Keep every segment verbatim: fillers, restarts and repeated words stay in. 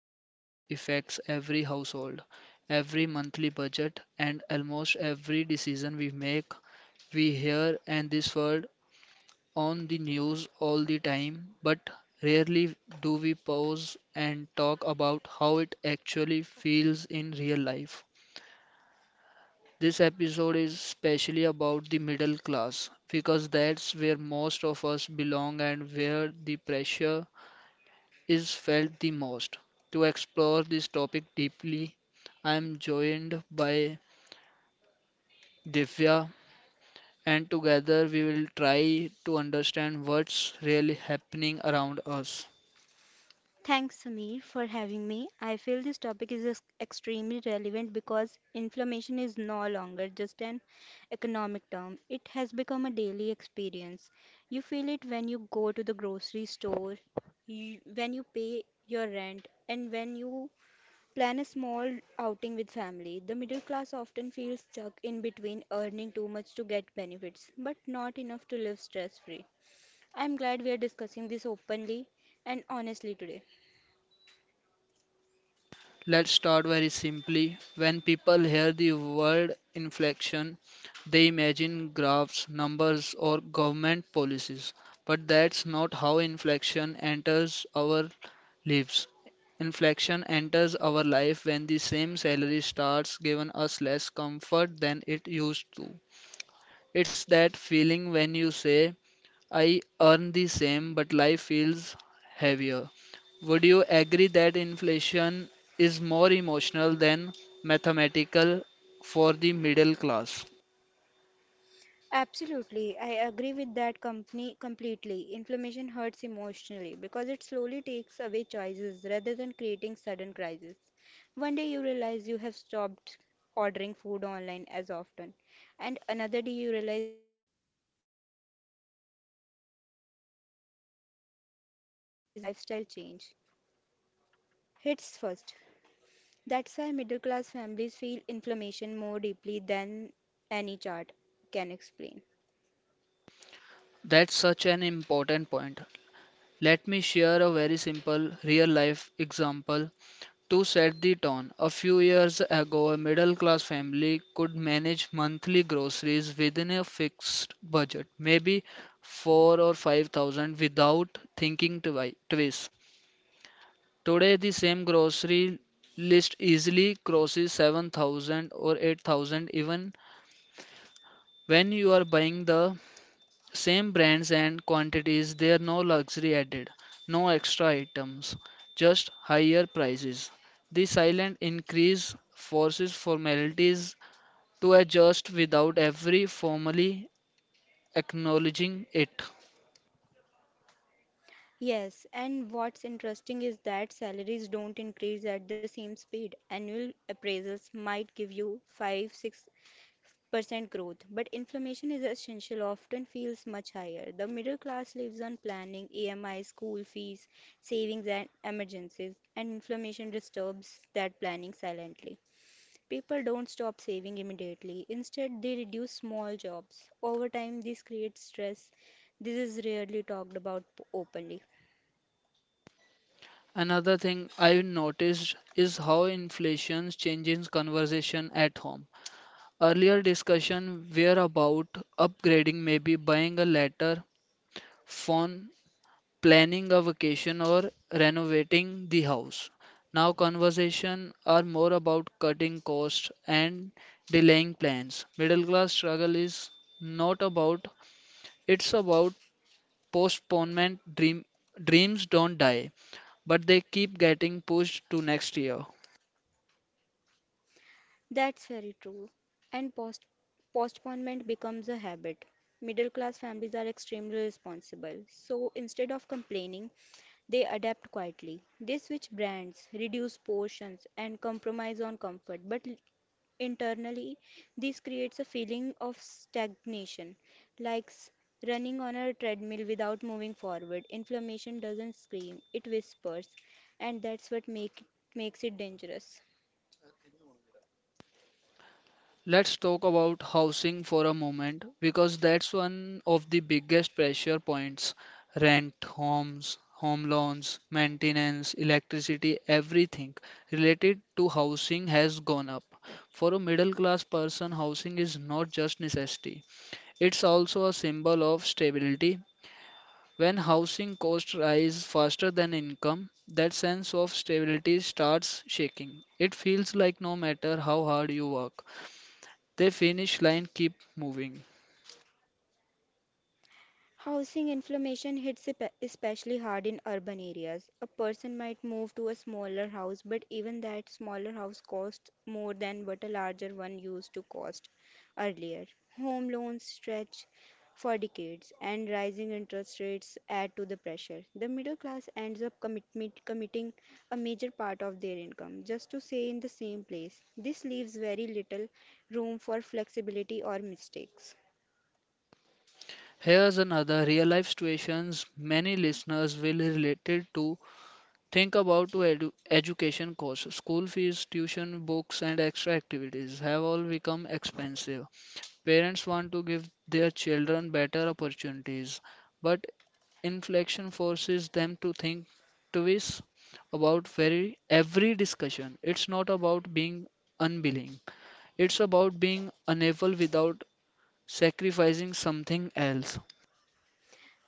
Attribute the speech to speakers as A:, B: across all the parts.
A: quietly affects every household, every monthly budget, and almost every decision we make. We hear and this word on the news all the time, but rarely do we pause and talk about how it actually feels in real life. This episode is specially about the middle class because that's where most of us belong and where the pressure is felt the most. To explore this topic deeply, I am joined by Divya, and together we will try to understand what's really happening around us.
B: Thanks, Sameer, for having me. I feel this topic is ex- extremely relevant because inflammation is no longer just an economic term. It has become a daily experience. You feel it when you go to the grocery store, you, when you pay your rent, and when you plan a small outing with family. The middle class often feels stuck in between, earning too much to get benefits, but not enough to live stress free. I'm glad we are discussing this openly and honestly today.
A: Let's start very simply. When people hear the word inflation, they imagine graphs, numbers, or government policies. But that's not how inflation enters our lives. Inflation enters our life when the same salary starts giving us less comfort than it used to. It's that feeling when you say, I earn the same, but life feels heavier. Would you agree that inflation is more emotional than mathematical for the middle class?
B: Absolutely, I agree with that company completely. Inflammation hurts emotionally because it slowly takes away choices rather than creating sudden crises. One day you realize you have stopped ordering food online as often, and another day you realize weekend outing are becoming rare. The math comes later, but the lifestyle change hits first. That's why middle class families feel inflammation more deeply than any chart can explain.
A: That's such an important point. Let me share a very simple real life example to set the tone. A few years ago, a middle class family could manage monthly groceries within a fixed budget, maybe four or five thousand without thinking twi- twice. Today, the same grocery list easily crosses seven thousand or eight thousand even when you are buying the same brands and quantities. There are no luxury added, no extra items, just higher prices. The silent increase forces formalities to adjust without every formally acknowledging it.
B: Yes, and what's interesting is that salaries don't increase at the same speed. Annual appraisals might give you five six percent growth, but inflation is essential, often feels much higher. The middle class lives on planning, E M I, school fees, savings, and emergencies, and inflation disturbs that planning silently. People don't stop saving immediately. Instead, they reduce small jobs. Over time, this creates stress. This is rarely talked about p- openly.
A: Another thing I've noticed is how inflation changes conversation at home. Earlier discussion were about upgrading, maybe buying a later phone, planning a vacation, or renovating the house. Now conversations are more about cutting costs and delaying plans. Middle class struggle is not about, it's about postponement. Dream, dreams don't die, but they keep getting pushed to next year.
B: That's very true. And post- postponement becomes a habit. Middle class families are extremely responsible. So instead of complaining, they adapt quietly. They switch brands, reduce portions, and compromise on comfort. But l- internally, this creates a feeling of stagnation, like s- running on a treadmill without moving forward. Inflammation doesn't scream, it whispers. And that's what make, makes it dangerous.
A: Let's talk about housing for a moment because that's one of the biggest pressure points. Rent, homes, home loans, maintenance, electricity, everything related to housing has gone up. For a middle class person, housing is not just necessity, it's also a symbol of stability. When housing costs rise faster than income, that sense of stability starts shaking. It feels like no matter how hard you work, they finish line keep moving.
B: Housing inflation hits espe- especially hard in urban areas. A person might move to a smaller house, but even that smaller house costs more than what a larger one used to cost earlier. Home loans stretch for decades, and rising interest rates add to the pressure. The middle class ends up commit- committing a major part of their income just to stay in the same place. This leaves very little room for flexibility or mistakes.
A: Here's another real life situations many listeners will related to. Think about to edu- education costs. School fees, tuition, books and extra activities have all become expensive. Parents want to give their children better opportunities, but inflation forces them to think twice about very every discussion. It's not about being unwilling. It's about being unable without sacrificing something else.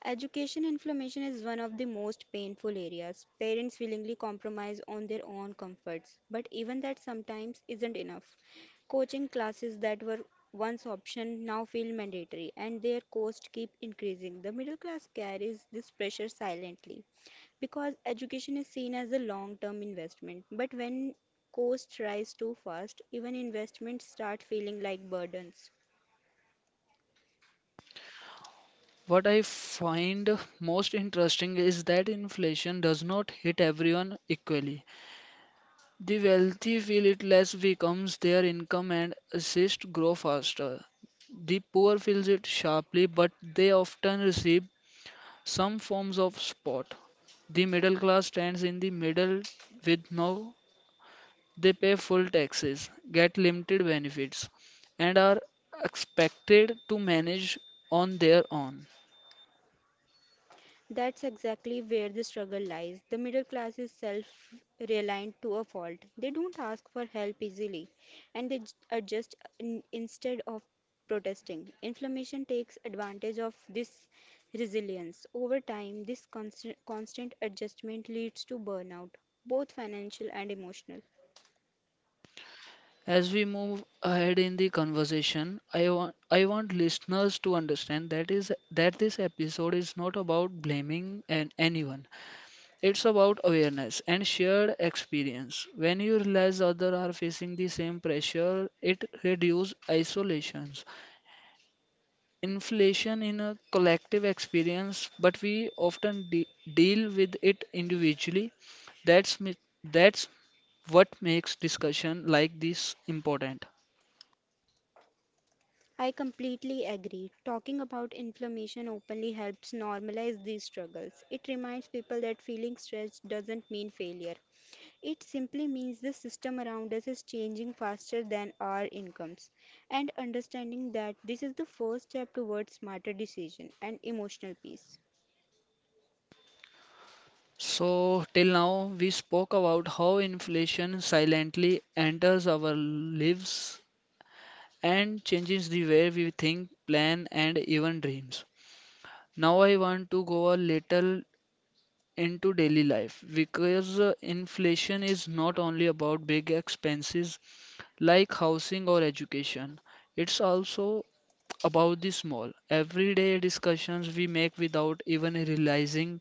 B: Education inflammation is one of the most painful areas. Parents willingly compromise on their own comforts, but even that sometimes isn't enough. Coaching classes that were once option now feel mandatory, and their costs keep increasing. The middle class carries this pressure silently because education is seen as a long-term investment, but when costs rise too fast, even investments start feeling like burdens.
A: What I find most interesting is that inflation does not hit everyone equally. The wealthy feel it less becomes their income and assist grow faster. The poor feels it sharply, but they often receive some forms of support. The middle class stands in the middle with no they pay full taxes, get limited benefits, and are expected to manage on their own.
B: That's exactly where the struggle lies. The middle class is self reliant to a fault. They don't ask for help easily, and they j- adjust in, instead of protesting. Inflammation takes advantage of this resilience. Over time, this constant, constant adjustment leads to burnout, both financial and emotional.
A: As we move ahead in the conversation, I want I want listeners to understand that is that this episode is not about blaming an, anyone. It's about awareness and shared experience. When you realize others are facing the same pressure, it reduces isolations. Inflation in a collective experience, but we often de- deal with it individually. That's mi- that's what makes discussion like this important.
B: I completely agree. Talking about inflammation openly helps normalize these struggles. It reminds people that feeling stressed doesn't mean failure. It simply means the system around us is changing faster than our incomes. And understanding that this is the first step towards smarter decision and emotional peace.
A: So, till now, we spoke about how inflation silently enters our lives and changes the way we think, plan, and even dreams. Now, I want to go a little into daily life because uh, inflation is not only about big expenses like housing or education, it's also about the small, everyday discussions we make without even realizing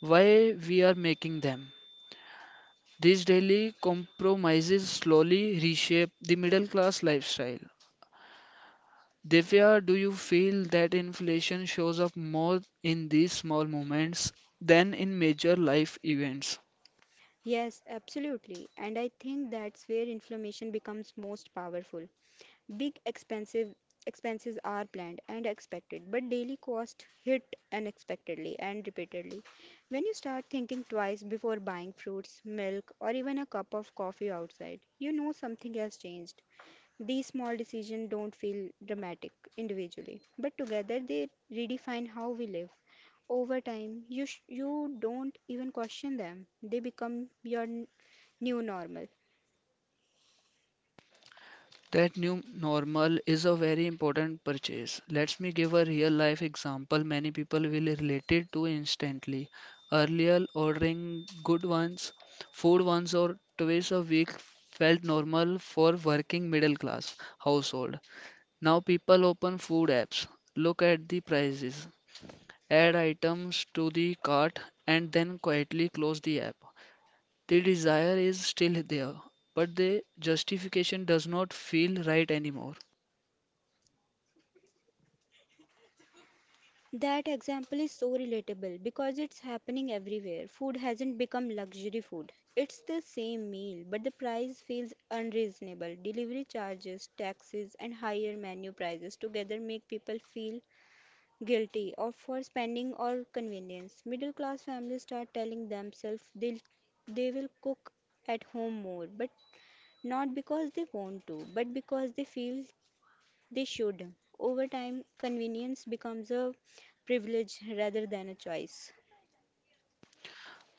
A: why we are making them. These daily compromises slowly reshape the middle class lifestyle. Divya, do you feel that inflation shows up more in these small moments than in major life events?
B: Yes, absolutely. And I think that's where inflammation becomes most powerful. Big expensive expenses are planned and expected, but daily costs hit unexpectedly and repeatedly. When you start thinking twice before buying fruits, milk, or even a cup of coffee outside, you know something has changed. These small decisions don't feel dramatic individually, but together they redefine how we live. Over time, you sh- you don't even question them. They become your n- new normal.
A: That new normal is a very important purchase. Let me give a real life example many people will relate it to instantly. Earlier, ordering good ones, food once or twice a week felt normal for working middle class household. Now people open food apps, look at the prices, add items to the cart, and then quietly close the app. The desire is still there, but the justification does not feel right anymore.
B: That example is so relatable because it's happening everywhere. Food hasn't become luxury food. It's the same meal, but the price feels unreasonable. Delivery charges, taxes, and higher menu prices together make people feel guilty of for spending or convenience. Middle class families start telling themselves they they will cook at home more, but not because they want to, but because they feel they should. Over time, convenience becomes a privilege rather than a choice.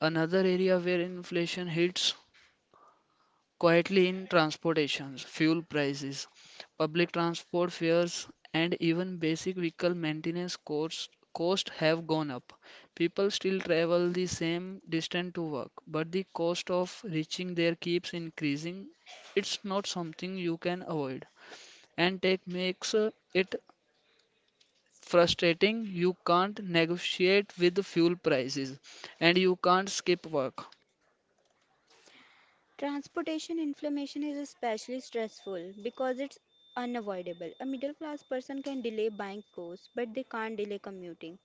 A: Another area where inflation hits quietly in transportation, fuel prices, public transport fares, and even basic vehicle maintenance costs cost have gone up. People still travel the same distance to work, but the cost of reaching there keeps increasing. It's not something you can avoid, and tech makes uh, it frustrating. You can't negotiate with fuel prices, and you can't skip work.
B: Transportation inflammation is especially stressful because it's unavoidable. A middle class person can delay buying clothes, but they can't delay commuting.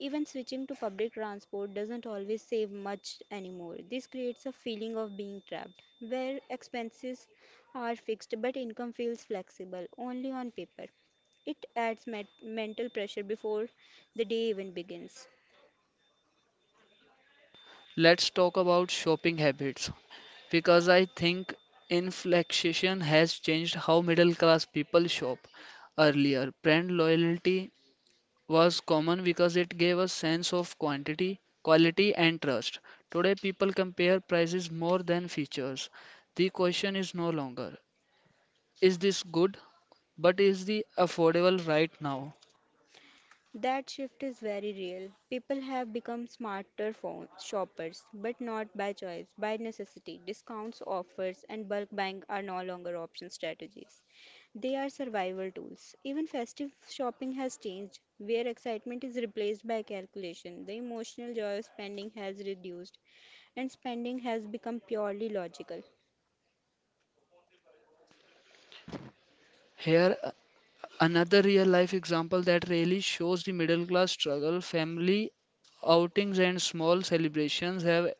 B: Even switching to public transport doesn't always save much anymore. This creates a feeling of being trapped, where expenses are fixed but income feels flexible only on paper. It adds met- mental pressure before the day even begins.
A: Let's talk about shopping habits because I think inflation has changed how middle class people shop. Earlier, brand loyalty was common because it gave a sense of quantity, quality, and trust. Today, people compare prices more than features. The question is no longer is this good, but is the affordable right now?
B: That shift is very real. People have become smarter phone shoppers, but not by choice, by necessity. Discounts, offers, and bulk buying are no longer option strategies. They are survival tools. Even festive shopping has changed, where excitement is replaced by calculation. The emotional joy of spending has reduced, and spending has become purely logical.
A: Here another real life example that really shows the middle class struggle family outings and small celebrations have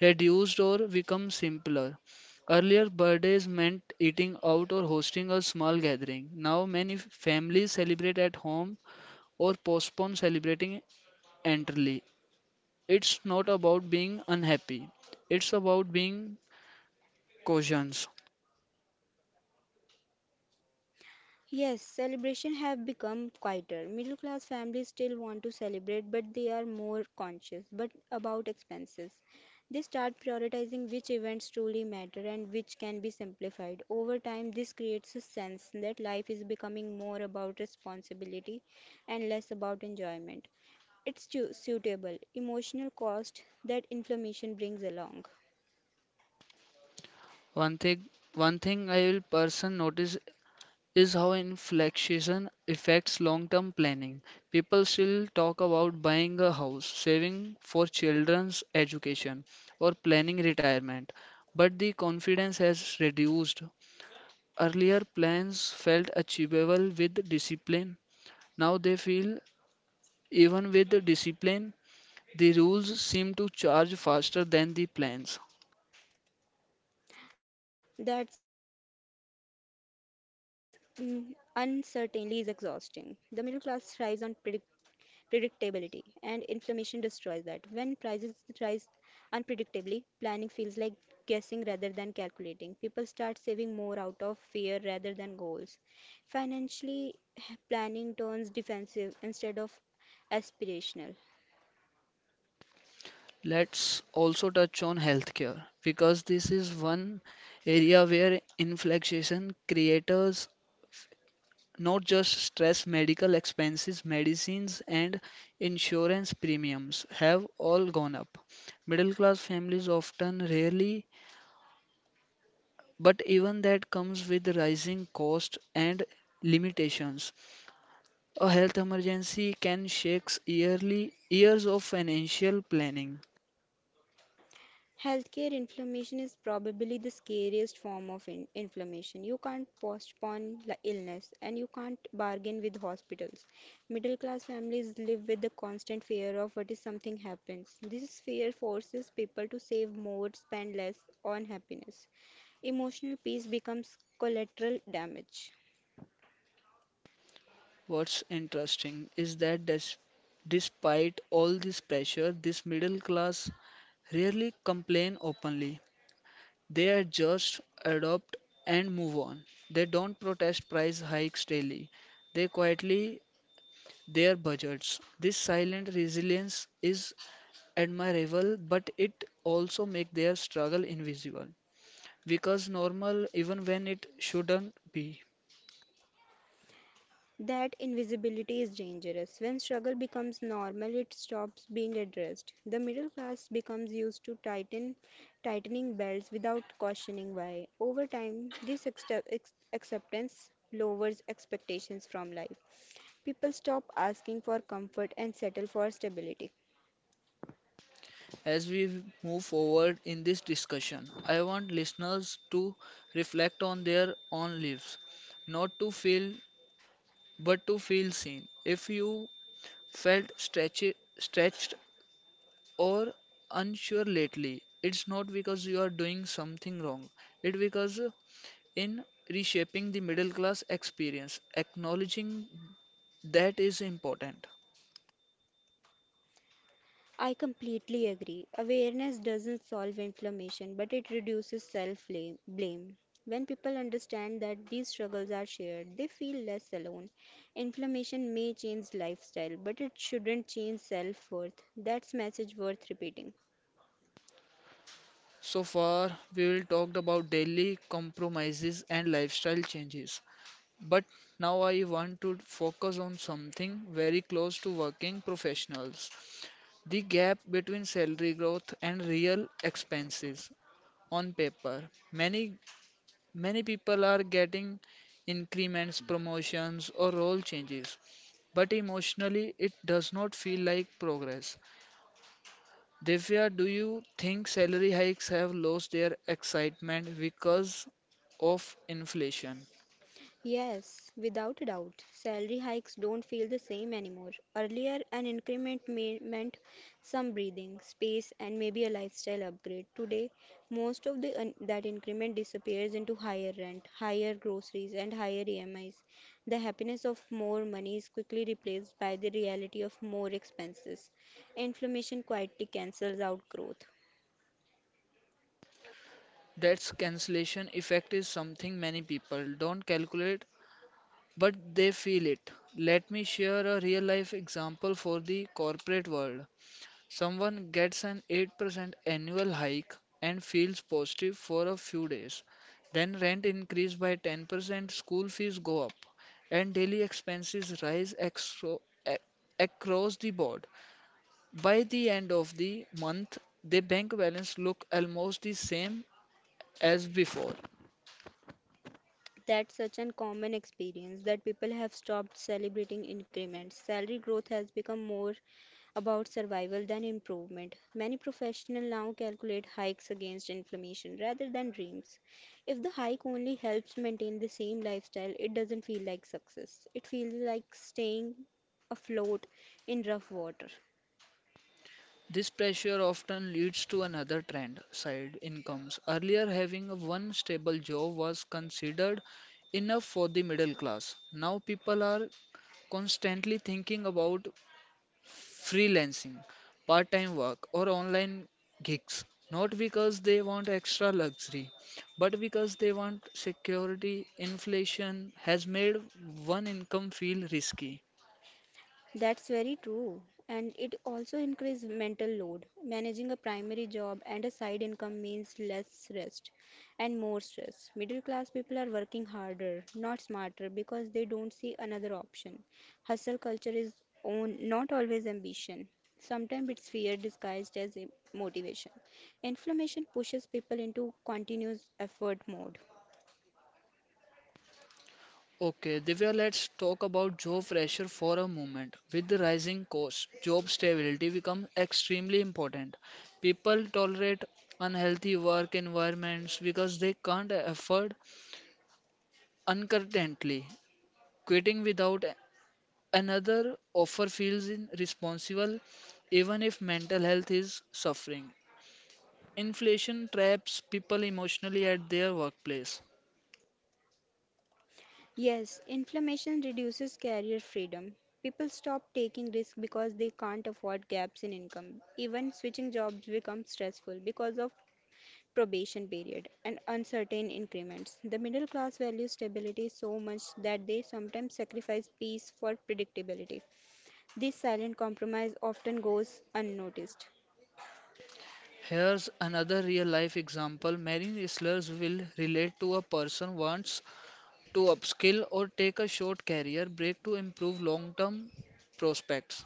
A: reduced or become simpler. Earlier, birthdays meant eating out or hosting a small gathering. Now, many f- families celebrate at home or postpone celebrating entirely. It's not about being unhappy, it's about being cautious.
B: Yes, celebration have become quieter. Middle class families still want to celebrate, but they are more conscious but about expenses. They start prioritizing which events truly matter and which can be simplified. Over time, this creates a sense that life is becoming more about responsibility and less about enjoyment. It's tu- suitable emotional cost that inflammation brings along.
A: One thing, one thing I will person notice is how inflation affects long-term planning. People still talk about buying a house, saving for children's education, or planning retirement, but the confidence has reduced. Earlier plans felt achievable with discipline. Now they feel even with the discipline, the rules seem to charge faster than the plans.
B: That's mm, uncertainly is exhausting. The middle class thrives on predictability predictability, and inflammation destroys that. When prices rise unpredictably, planning feels like guessing rather than calculating. People start saving more out of fear rather than goals. Financially, planning turns defensive instead of aspirational.
A: Let's also touch on healthcare because this is one area where inflation creators not just stress medical expenses, medicines, and insurance premiums have all gone up. Middle class families often rarely, but even that comes with rising cost and limitations. A health emergency can shake yearly years of financial planning.
B: Healthcare inflammation is probably the scariest form of in- inflammation. You can't postpone li- illness, and you can't bargain with hospitals. Middle class families live with the constant fear of what if something happens. This fear forces people to save more, spend less on happiness. Emotional peace becomes collateral damage.
A: What's interesting is that des- despite all this pressure, this middle class rarely complain openly. They adjust, adopt, and move on. They don't protest price hikes daily. They quietly their budgets. This silent resilience is admirable, but it also makes their struggle invisible because normal even when it shouldn't be.
B: That invisibility is dangerous. When struggle becomes normal, it stops being addressed. The middle class becomes used to tighten tightening belts without questioning why. Over time, this accept- ex- acceptance lowers expectations from life. People stop asking for comfort and settle for stability.
A: As we move forward in this discussion, I want listeners to reflect on their own lives, not to feel but to feel seen. If you felt stretchy, stretched or unsure lately, it's not because you are doing something wrong, it's because in reshaping the middle class experience, acknowledging that is important.
B: I completely agree. Awareness doesn't solve inflammation, but it reduces self blame. When people understand that these struggles are shared, they feel less alone. Inflammation may change lifestyle, but it shouldn't change self worth. That's message worth repeating.
A: So far, we will talked about daily compromises and lifestyle changes. But now I want to focus on something very close to working professionals the gap between salary growth and real expenses on paper. Many, many people are getting increments, promotions, or role changes, but emotionally it does not feel like progress. Divya, do you think salary hikes have lost their excitement because of inflation?
B: Yes, without a doubt, salary hikes don't feel the same anymore. Earlier, an increment me- meant some breathing space and maybe a lifestyle upgrade. Today, most of the un- that increment disappears into higher rent, higher groceries, and higher E M Is. The happiness of more money is quickly replaced by the reality of more expenses. Inflammation quietly cancels out growth.
A: That's cancellation effect is something many people don't calculate, but they feel it. Let me share a real life example for the corporate world. Someone gets an eight percent annual hike and feels positive for a few days. Then rent increase by ten percent, school fees go up, and daily expenses rise exo- a- across the board. By the end of the month, the bank balance look almost the same as before.
B: That's such an common experience that people have stopped celebrating increments. Salary growth has become more about survival than improvement. Many professionals now calculate hikes against inflammation rather than dreams. If the hike only helps maintain the same lifestyle, it doesn't feel like success. It feels like staying afloat in rough water.
A: This pressure often leads to another trend, side incomes. Earlier, having a one stable job was considered enough for the middle class. Now, people are constantly thinking about freelancing, part time work, or online gigs, not because they want extra luxury, but because they want security. Inflation has made one income feel risky.
B: That's very true. And it also increases mental load. Managing a primary job and a side income means less rest and more stress. Middle class people are working harder, not smarter, because they don't see another option. Hustle culture is own, not always ambition. Sometimes it's fear disguised as im- motivation. Inflammation pushes people into continuous effort mode.
A: Okay, Divya, let's talk about job pressure for a moment. With the rising costs, job stability becomes extremely important. People tolerate unhealthy work environments because they can't afford uncertainty. Quitting without another offer feels irresponsible, even if mental health is suffering. Inflation traps people emotionally at their workplace.
B: Yes, inflammation reduces career freedom. People stop taking risks because they can't afford gaps in income. Even switching jobs becomes stressful because of probation period and uncertain increments. The middle class values stability so much that they sometimes sacrifice peace for predictability. This silent compromise often goes unnoticed.
A: Here's another real-life example many wrestlers will relate to: a person wants to upskill or take a short career break to improve long-term prospects,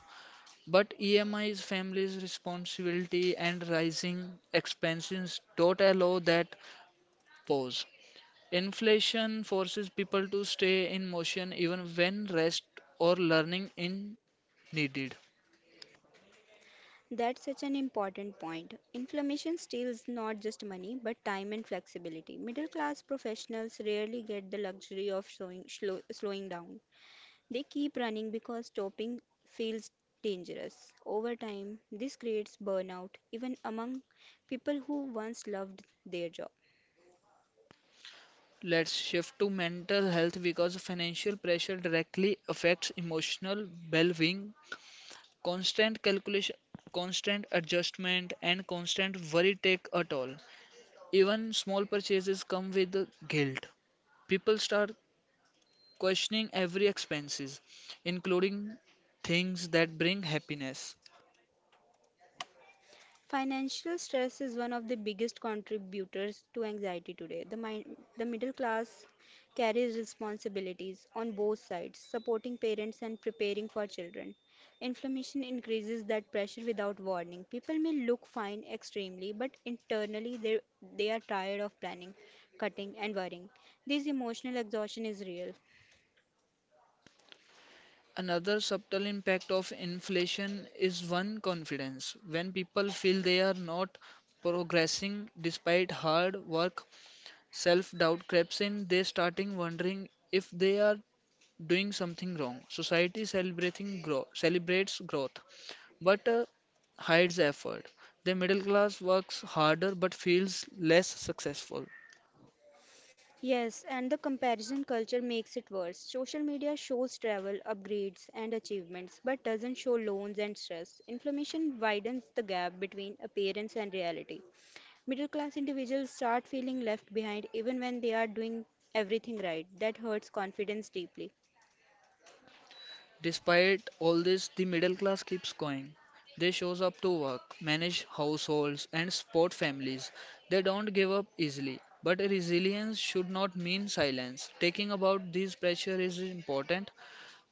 A: but E M I's family's responsibility and rising expenses don't allow that pause. Inflation forces people to stay in motion even when rest or learning is needed.
B: That's such an important point. Inflammation steals not just money, but time and flexibility. Middle class professionals rarely get the luxury of slowing, slow, slowing down. They keep running because stopping feels dangerous. Over time, this creates burnout, even among people who once loved their job.
A: Let's shift to mental health because financial pressure directly affects emotional well-being. Constant calculation, constant adjustment, and constant worry take a toll. Even small purchases come with the guilt. People start questioning every expenses, including things that bring happiness.
B: Financial stress is one of the biggest contributors to anxiety today. The, mi- the middle class carries responsibilities on both sides, supporting parents and preparing for children. Inflammation increases that pressure without warning. People may look fine extremely, but internally they, they are tired of planning, cutting, and worrying. This emotional exhaustion is real.
A: Another subtle impact of inflation is one confidence. When people feel they are not progressing despite hard work, self-doubt creeps in, they starting wondering if they are doing something wrong. Society celebrating grow celebrates growth, but uh, hides effort. The middle class works harder but feels less successful.
B: Yes, and the comparison culture makes it worse. Social media shows travel, upgrades, and achievements, but doesn't show loans and stress. Inflammation widens the gap between appearance and reality. Middle class individuals start feeling left behind even when they are doing everything right. That hurts confidence deeply.
A: Despite all this, the middle class keeps going. They shows up to work, manage households and support families. They don't give up easily. But resilience should not mean silence. Taking about these pressure is important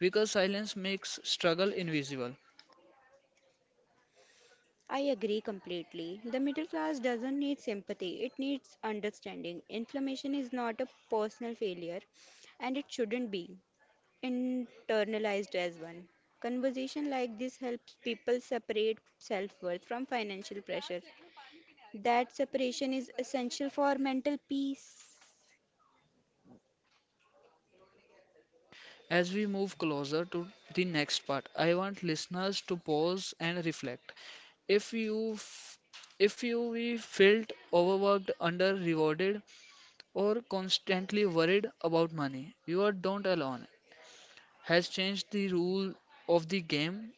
A: because silence makes struggle invisible.
B: I agree completely. The middle class doesn't need sympathy, it needs understanding. Inflammation is not a personal failure, and it shouldn't be internalized as one. Conversation like this helps people separate self worth from financial pressure. That separation is essential for mental peace.
A: As we move closer to the next part, I want listeners to pause and reflect. If you f- if you we felt overworked, under rewarded, or constantly worried about money, you are don't alone. Has changed the rule of the game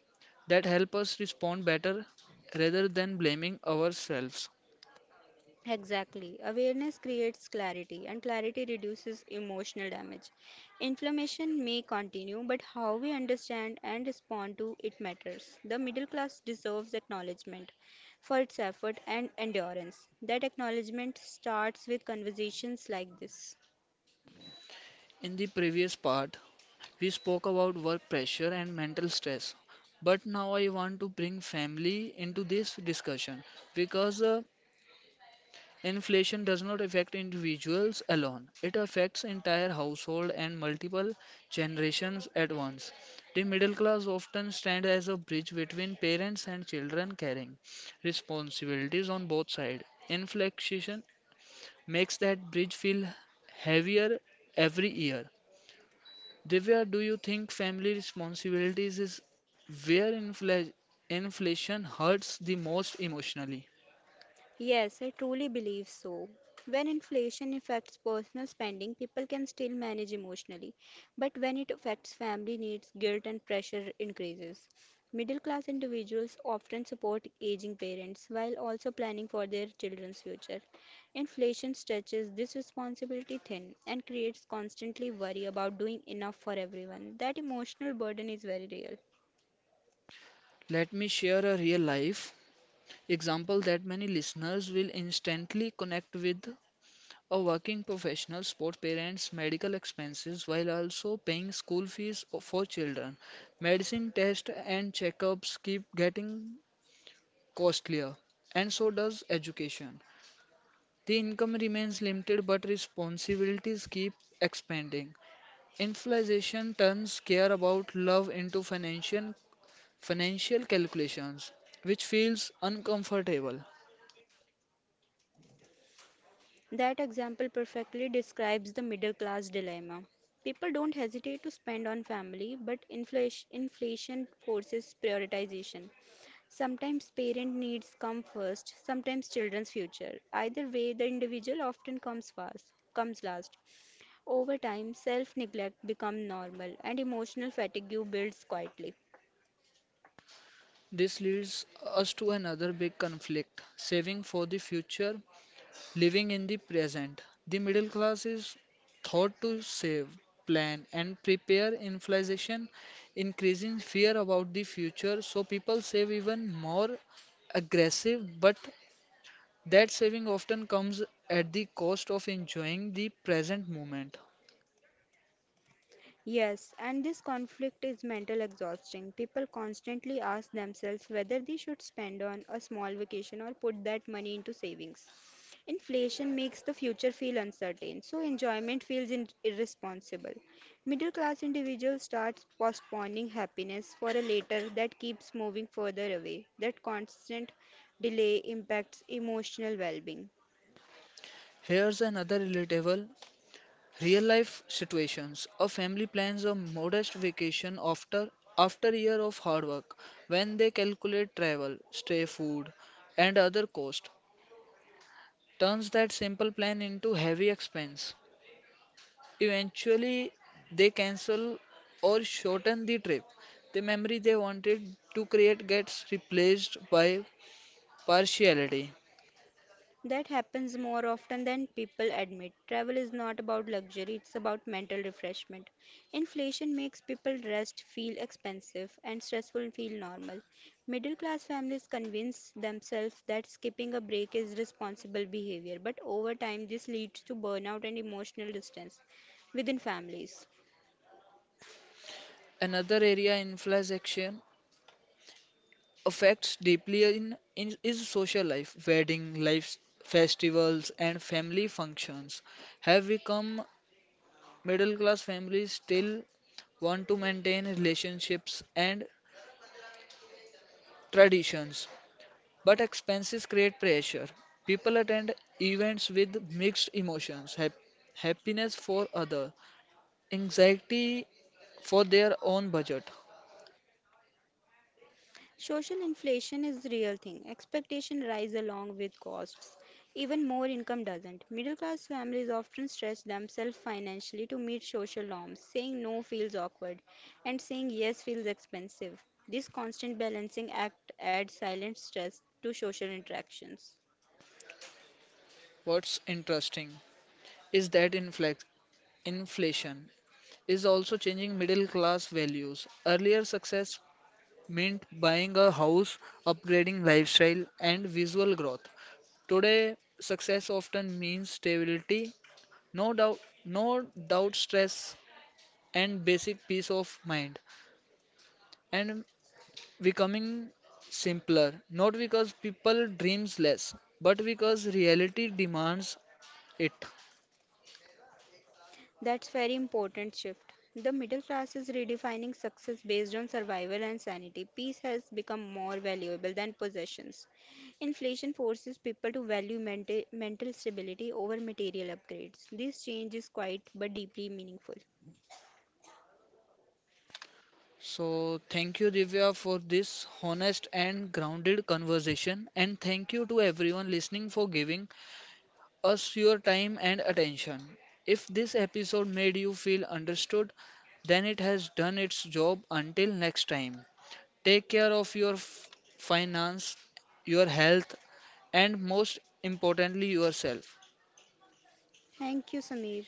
A: that help us respond better rather than blaming ourselves.
B: Exactly. Awareness creates clarity, and clarity reduces emotional damage. Inflammation may continue, but how we understand and respond to it matters. The middle class deserves acknowledgement for its effort and endurance. That acknowledgement starts with conversations like this.
A: In the previous part, we spoke about work pressure and mental stress, but now I want to bring family into this discussion because uh, inflation does not affect individuals alone. It affects entire household and multiple generations at once. The middle class often stand as a bridge between parents and children carrying responsibilities on both sides. Inflation makes that bridge feel heavier every year. Divya, do you think family responsibilities is where infla- inflation hurts the most emotionally?
B: Yes, I truly believe so. When inflation affects personal spending, people can still manage emotionally. But when it affects family needs, guilt and pressure increases. Middle class individuals often support aging parents while also planning for their children's future. Inflation stretches this responsibility thin and creates constantly worry about doing enough for everyone. That emotional burden is very real.
A: Let me share a real life example that many listeners will instantly connect with. A working professional support parents' medical expenses while also paying school fees for children. Medicine tests and checkups keep getting costlier, and so does education. The income remains limited, but responsibilities keep expanding. Inflation turns care about love into financial financial calculations, which feels uncomfortable.
B: That example perfectly describes the middle class dilemma. People don't hesitate to spend on family, but inflation, inflation forces prioritization. Sometimes parent needs come first, sometimes children's future. Either way, the individual often comes first, comes last. Over time, self-neglect becomes normal and emotional fatigue builds quietly.
A: This leads us to another big conflict, saving for the future, living in the present. The middle class is thought to save, plan, and prepare inflation, increasing fear about the future, so people save even more aggressive but that saving often comes at the cost of enjoying the present moment.
B: Yes, and this conflict is mental exhausting. People constantly ask themselves whether they should spend on a small vacation or put that money into savings. Inflation makes the future feel uncertain, so enjoyment feels in- irresponsible. Middle class individuals start postponing happiness for a later that keeps moving further away. That constant delay impacts emotional well being.
A: Here's another relatable real life situations. A family plans a modest vacation after after a year of hard work when they calculate travel, stay food and other cost turns that simple plan into heavy expense. Eventually they cancel or shorten the trip. The memory they wanted to create gets replaced by partiality.
B: That happens more often than people admit. Travel is not about luxury, it's about mental refreshment. Inflation makes people rest feel expensive and stressful feel normal. Middle class families convince themselves that skipping a break is responsible behavior, but over time, this leads to burnout and emotional distance within families.
A: Another area inflation affects deeply in, in is social life. Wedding life, festivals, and family functions have become middle class families still want to maintain relationships and traditions, but expenses create pressure. People attend events with mixed emotions, hap- happiness for other, anxiety for their own budget.
B: Social inflation is the real thing. Expectation rise along with costs. Even more income doesn't. Middle class families often stretch themselves financially to meet social norms. Saying no feels awkward and saying yes feels expensive. This constant balancing act adds silent stress to social interactions.
A: What's interesting is that inflex- inflation is also changing middle class values. Earlier success meant buying a house, upgrading lifestyle, and visual growth. Today, success often means stability, no doubt, no doubt stress, and basic peace of mind, and becoming simpler. Not because people dreams less, but because reality demands it.
B: That's very important shift. The middle class is redefining success based on survival and sanity. Peace has become more valuable than possessions. Inflation forces people to value mental, mental stability over material upgrades. This change is quiet but deeply meaningful.
A: So, thank you, Divya, for this honest and grounded conversation. And thank you to everyone listening for giving us your time and attention. If this episode made you feel understood, then it has done its job. Until next time, take care of your f- finance, your health, and most importantly, yourself.
B: Thank you, Samir.